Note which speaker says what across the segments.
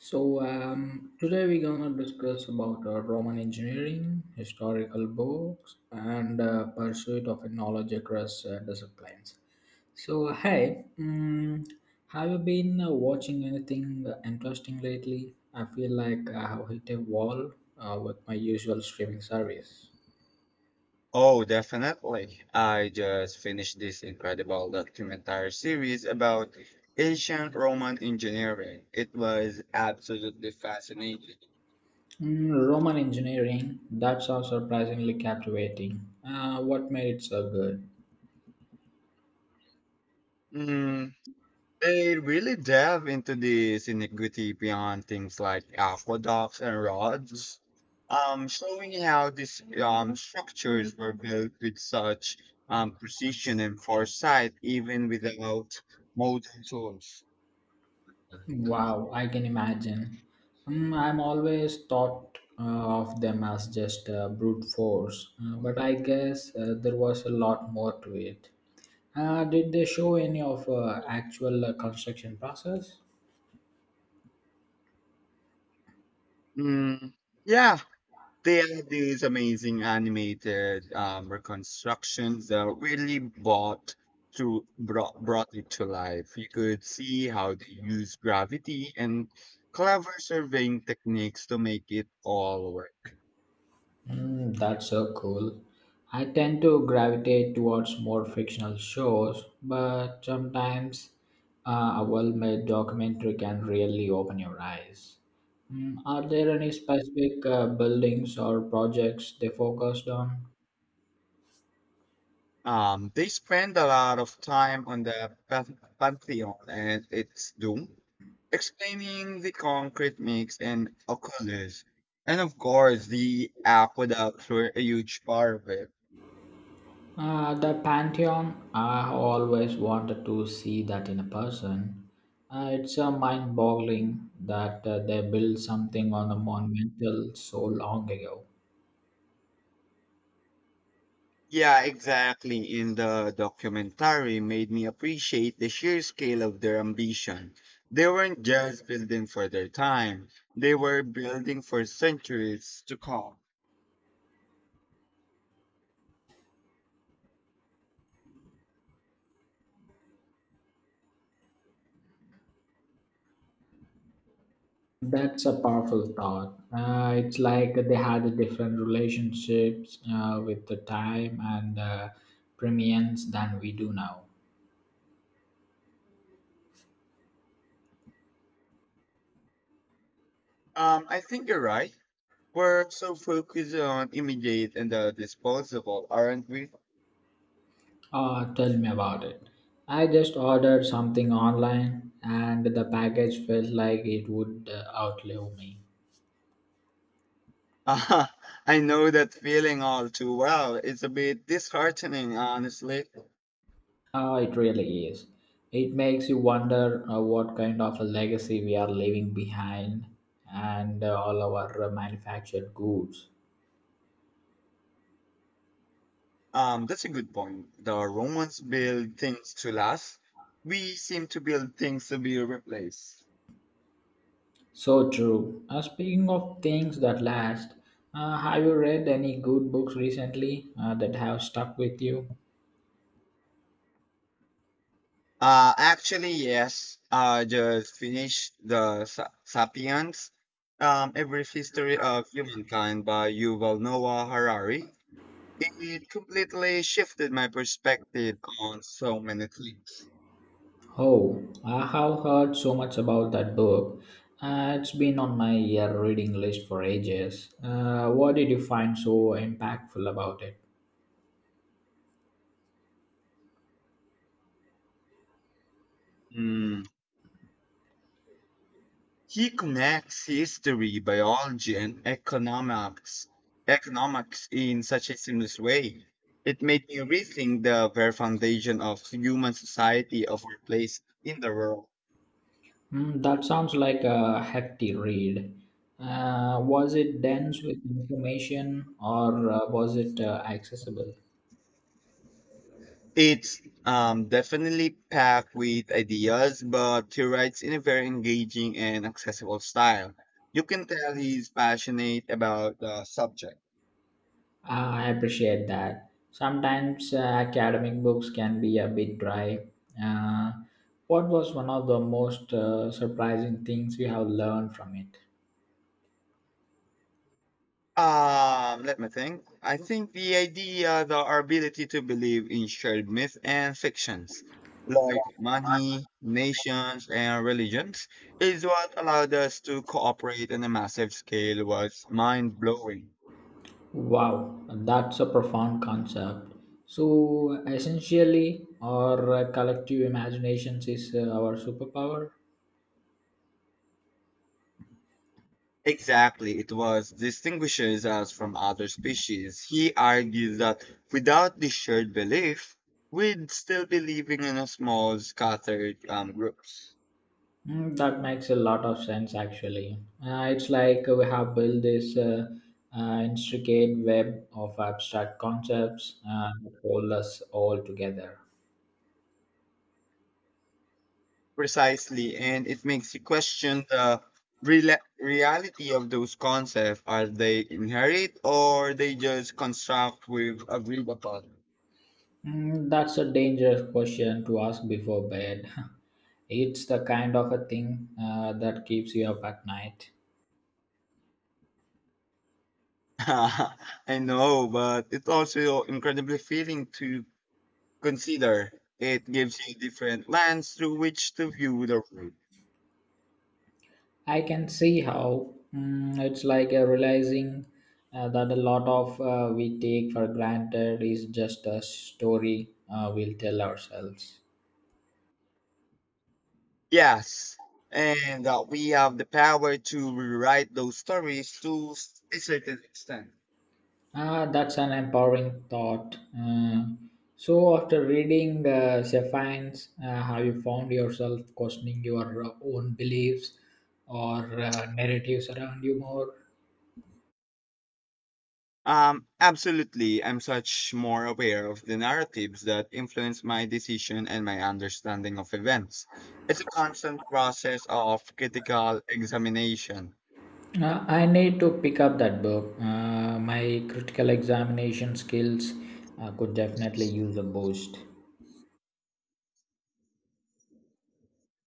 Speaker 1: Today we're gonna discuss about Roman engineering, historical books, and pursuit of knowledge across disciplines. So hey, um, have you been watching anything interesting lately? I feel like I have hit a wall with my usual streaming service.
Speaker 2: Oh, definitely. I just finished this incredible documentary series about ancient Roman engineering. It was absolutely fascinating.
Speaker 1: Roman engineering that sounds surprisingly captivating. What made it so good?
Speaker 2: Mm, they really delve into this iniquity beyond things like aqueducts and roads, showing how these structures were built with such precision and foresight, even without modern tools.
Speaker 1: Wow, I can imagine. I'm always thought of them as just brute force, but I guess there was a lot more to it. Did they show any of actual construction process?
Speaker 2: Mm, yeah, they are these amazing animated reconstructions that really brought it to life. You could see how they use gravity and clever surveying techniques to make it all work.
Speaker 1: That's so cool. I tend to gravitate towards more fictional shows, but sometimes a well made documentary can really open your eyes. Are there any specific buildings or projects they focused on?
Speaker 2: They spend a lot of time on the Pantheon and its doom, explaining the concrete mix and oculus, and of course the aqueducts were a huge part of it.
Speaker 1: The Pantheon, I always wanted to see that in a person. It's mind boggling that they built something on a monumental so long ago.
Speaker 2: Yeah, exactly. In the documentary made me appreciate the sheer scale of their ambition. They weren't just building for their time, they were building for centuries to come.
Speaker 1: That's a powerful thought. It's like they had a different relationships with the time and premiums than we do now.
Speaker 2: I think you're right. We're so focused on immediate and the disposable, aren't we?
Speaker 1: Tell me about it. I just ordered something online and the package felt like it would outlive me.
Speaker 2: Ah, I know that feeling all too well. It's a bit disheartening, honestly.
Speaker 1: It really is. It makes you wonder what kind of a legacy we are leaving behind and all our manufactured goods.
Speaker 2: That's a good point. The Romans build things to last. We seem to build things to be replaced.
Speaker 1: So true. Speaking of things that last, have you read any good books recently that have stuck with you?
Speaker 2: Actually, yes. I just finished the Sapiens, A Brief History of Humankind by Yuval Noah Harari. It completely shifted my perspective on so many things.
Speaker 1: Oh, I have heard so much about that book. It's been on my year reading list for ages. What did you find so impactful about it?
Speaker 2: Hmm. He connects history, biology, and economics in such a seamless way. It made me rethink the very foundation of human society of our place in the world.
Speaker 1: Hmm, that sounds like a hefty read. Was it dense with information or was it accessible?
Speaker 2: It's definitely packed with ideas, but he writes in a very engaging and accessible style. You can tell he's passionate about the subject.
Speaker 1: I appreciate that. Sometimes academic books can be a bit dry. Uh, what was one of the most surprising things you have learned from it?
Speaker 2: Let me think. I think the idea, the our ability to believe in shared myth and fictions, like money, nations, and religions, is what allowed us to cooperate on a massive scale was mind blowing.
Speaker 1: Wow, that's a profound concept. So, essentially, our collective imaginations is our superpower.
Speaker 2: Exactly, it was distinguishes us from other species. He argues that without this shared belief, we'd still be living in a small, scattered groups.
Speaker 1: That makes a lot of sense, actually. It's like we have built this intricate web of abstract concepts that hold us all together.
Speaker 2: Precisely, and it makes you question the rela reality of those concepts. Are they inherit or they just construct we've agreed upon?
Speaker 1: That's a dangerous question to ask before bed. It's the kind of a thing that keeps you up at night.
Speaker 2: I know, but it's also incredibly feeling to consider. It gives you different lens through which to view the world.
Speaker 1: I can see how. It's like realizing that a lot of we take for granted is just a story we'll tell ourselves.
Speaker 2: Yes, and we have the power to rewrite those stories to a certain extent.
Speaker 1: Ah, that's an empowering thought. So, after reading Sephine's, have you found yourself questioning your own beliefs or narratives around you more?
Speaker 2: Absolutely. I'm much more aware of the narratives that influence my decision and my understanding of events. It's a constant process of critical examination.
Speaker 1: I need to pick up that book. My critical examination skills could definitely use a boost.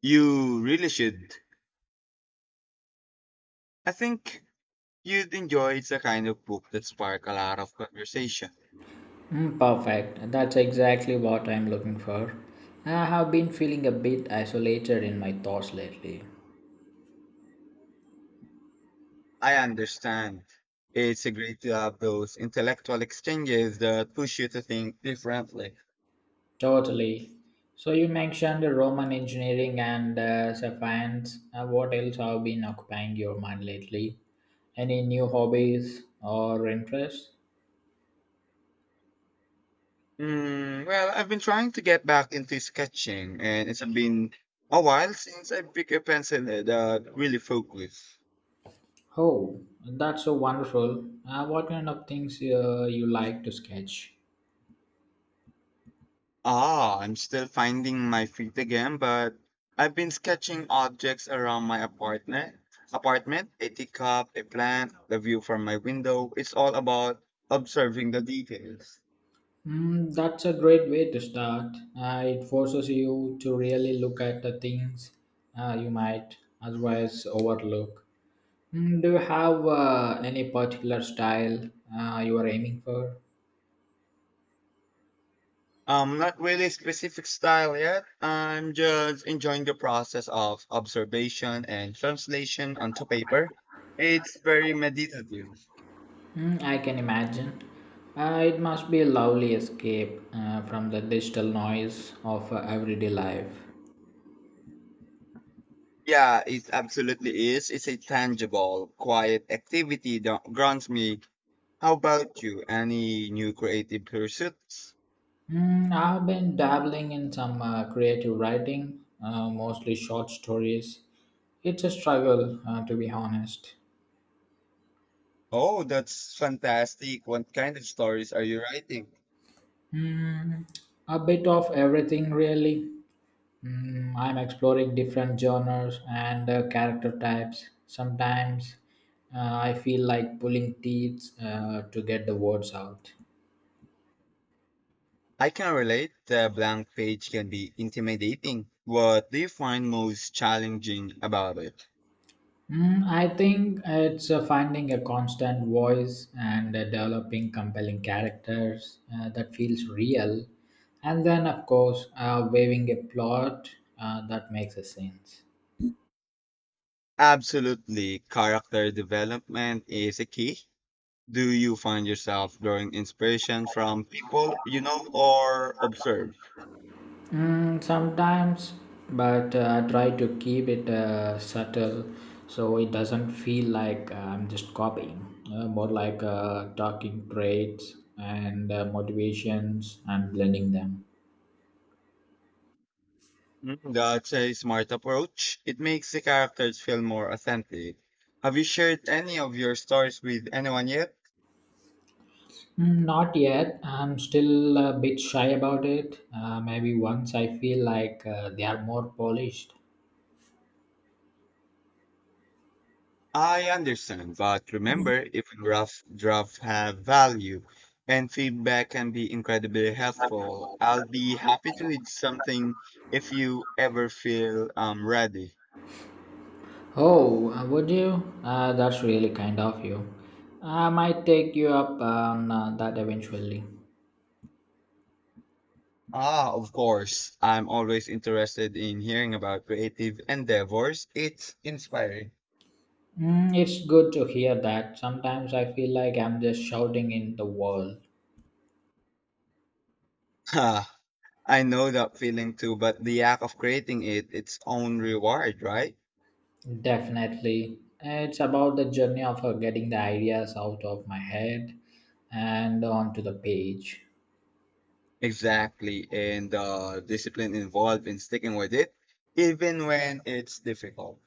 Speaker 2: You really should. I think you'd enjoy it's a kind of book that spark a lot of conversation.
Speaker 1: Perfect. That's exactly what I'm looking for. I have been feeling a bit isolated in my thoughts lately.
Speaker 2: I understand. It's a great to have those intellectual exchanges that push you to think differently.
Speaker 1: Totally. So you mentioned Roman engineering and science. What else have been occupying your mind lately? Any new hobbies or interests?
Speaker 2: Mm, well, I've been trying to get back into sketching, and it's been a while since I picked a pencil that really focused.
Speaker 1: Oh, that's so wonderful. What kind of things you like to sketch?
Speaker 2: Ah, I'm still finding my feet again, but I've been sketching objects around my apartment. Apartment, a teacup, a plant, the view from my window. It's all about observing the details.
Speaker 1: That's a great way to start. It forces you to really look at the things you might otherwise overlook. Do you have any particular style you are aiming for?
Speaker 2: Not really a specific style yet. I'm just enjoying the process of observation and translation onto paper. It's very meditative.
Speaker 1: I can imagine. It must be a lovely escape from the digital noise of everyday life.
Speaker 2: Yeah, it absolutely is. It's a tangible, quiet activity that grounds me. How about you? Any new creative pursuits?
Speaker 1: I've been dabbling in some creative writing, mostly short stories. It's a struggle, to be honest.
Speaker 2: Oh, that's fantastic. What kind of stories are you writing?
Speaker 1: Mm, a bit of everything, really. I'm exploring different genres and character types. Sometimes I feel like pulling teeth to get the words out.
Speaker 2: I can relate. The blank page can be intimidating. What do you find most challenging about it?
Speaker 1: I think it's finding a constant voice and developing compelling characters that feels real, and then of course weaving a plot that makes a sense.
Speaker 2: Absolutely. Character development is a key. Do you find yourself drawing inspiration from people you know or observe?
Speaker 1: Sometimes, but I try to keep it subtle so it doesn't feel like I'm just copying. More like talking traits and motivations and blending them.
Speaker 2: Mm, that's a smart approach. It makes the characters feel more authentic. Have you shared any of your stories with anyone yet?
Speaker 1: Not yet. I'm still a bit shy about it. Maybe once I feel like they are more polished.
Speaker 2: I understand, but remember, if rough drafts have value and feedback can be incredibly helpful, I'll be happy to read something if you ever feel ready.
Speaker 1: Oh, would you? That's really kind of you. I might take you up on that eventually.
Speaker 2: Ah, of course. I'm always interested in hearing about creative endeavors. It's inspiring.
Speaker 1: It's good to hear that. Sometimes I feel like I'm just shouting in the world.
Speaker 2: Ah, I know that feeling too, but the act of creating it, its own reward, right?
Speaker 1: Definitely. It's about the journey of getting the ideas out of my head and onto the page.
Speaker 2: Exactly. And the discipline involved in sticking with it, even when it's difficult.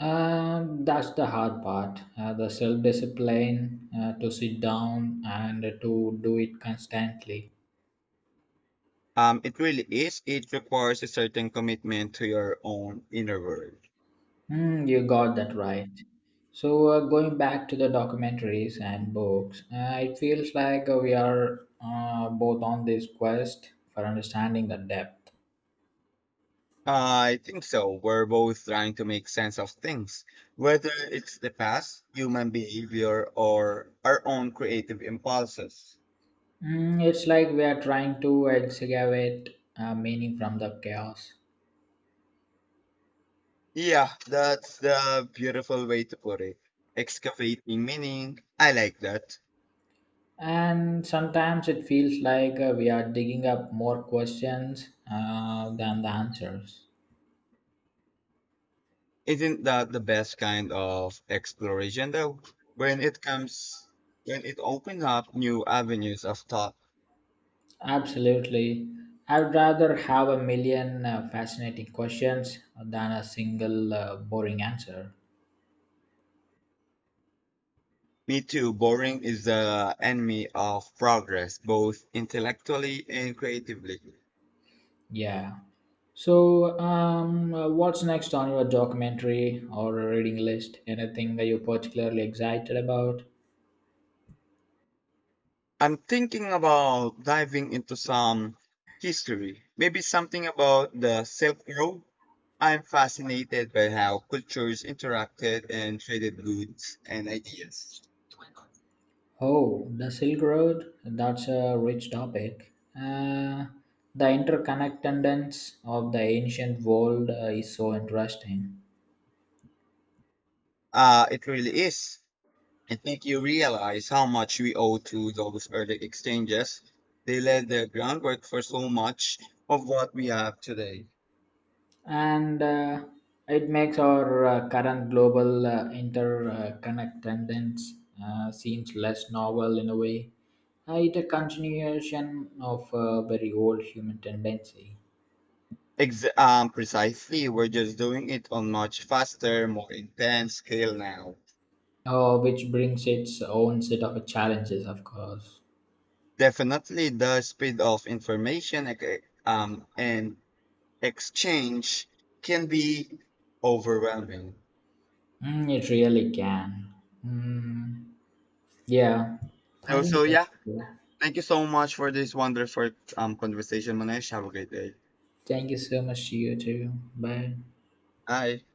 Speaker 1: That's the hard part. The self discipline to sit down and to do it constantly.
Speaker 2: It really is. It requires a certain commitment to your own inner world.
Speaker 1: You got that right. So, going back to the documentaries and books, it feels like we are both on this quest for understanding the depth.
Speaker 2: I think so. We're both trying to make sense of things, whether it's the past, human behavior, or our own creative impulses.
Speaker 1: It's like we are trying to excavate meaning from the chaos.
Speaker 2: Yeah, that's the beautiful way to put it. Excavating meaning. I like that.
Speaker 1: And sometimes it feels like we are digging up more questions than the answers.
Speaker 2: Isn't that the best kind of exploration though? When it comes, when it opens up new avenues of thought.
Speaker 1: Absolutely. I'd rather have a million fascinating questions than a single boring answer.
Speaker 2: Me too. Boring is the enemy of progress, both intellectually and creatively.
Speaker 1: Yeah. So, what's next on your documentary or reading list? Anything that you're particularly excited about?
Speaker 2: I'm thinking about diving into some history, maybe something about the Silk Road. I'm fascinated by how cultures interacted and traded goods and ideas.
Speaker 1: Oh, the Silk Road, that's a rich topic. Uh, the interconnectedness of the ancient world is so interesting.
Speaker 2: It really is. I think you realize how much we owe to those early exchanges. They laid the groundwork for so much of what we have today.
Speaker 1: And it makes our current global interconnectedness seems less novel in a way. It's a continuation of a very old human tendency,
Speaker 2: Precisely, we're just doing it on much faster, more intense scale now.
Speaker 1: which brings its own set of challenges, of course.
Speaker 2: Definitely, the speed of information and exchange can be overwhelming.
Speaker 1: It really can. Mm. Yeah, I think that's
Speaker 2: Yeah,
Speaker 1: it.
Speaker 2: thank you so much for this wonderful conversation, Manesh. Have a great day.
Speaker 1: Thank you so much to you too. Bye.
Speaker 2: Bye.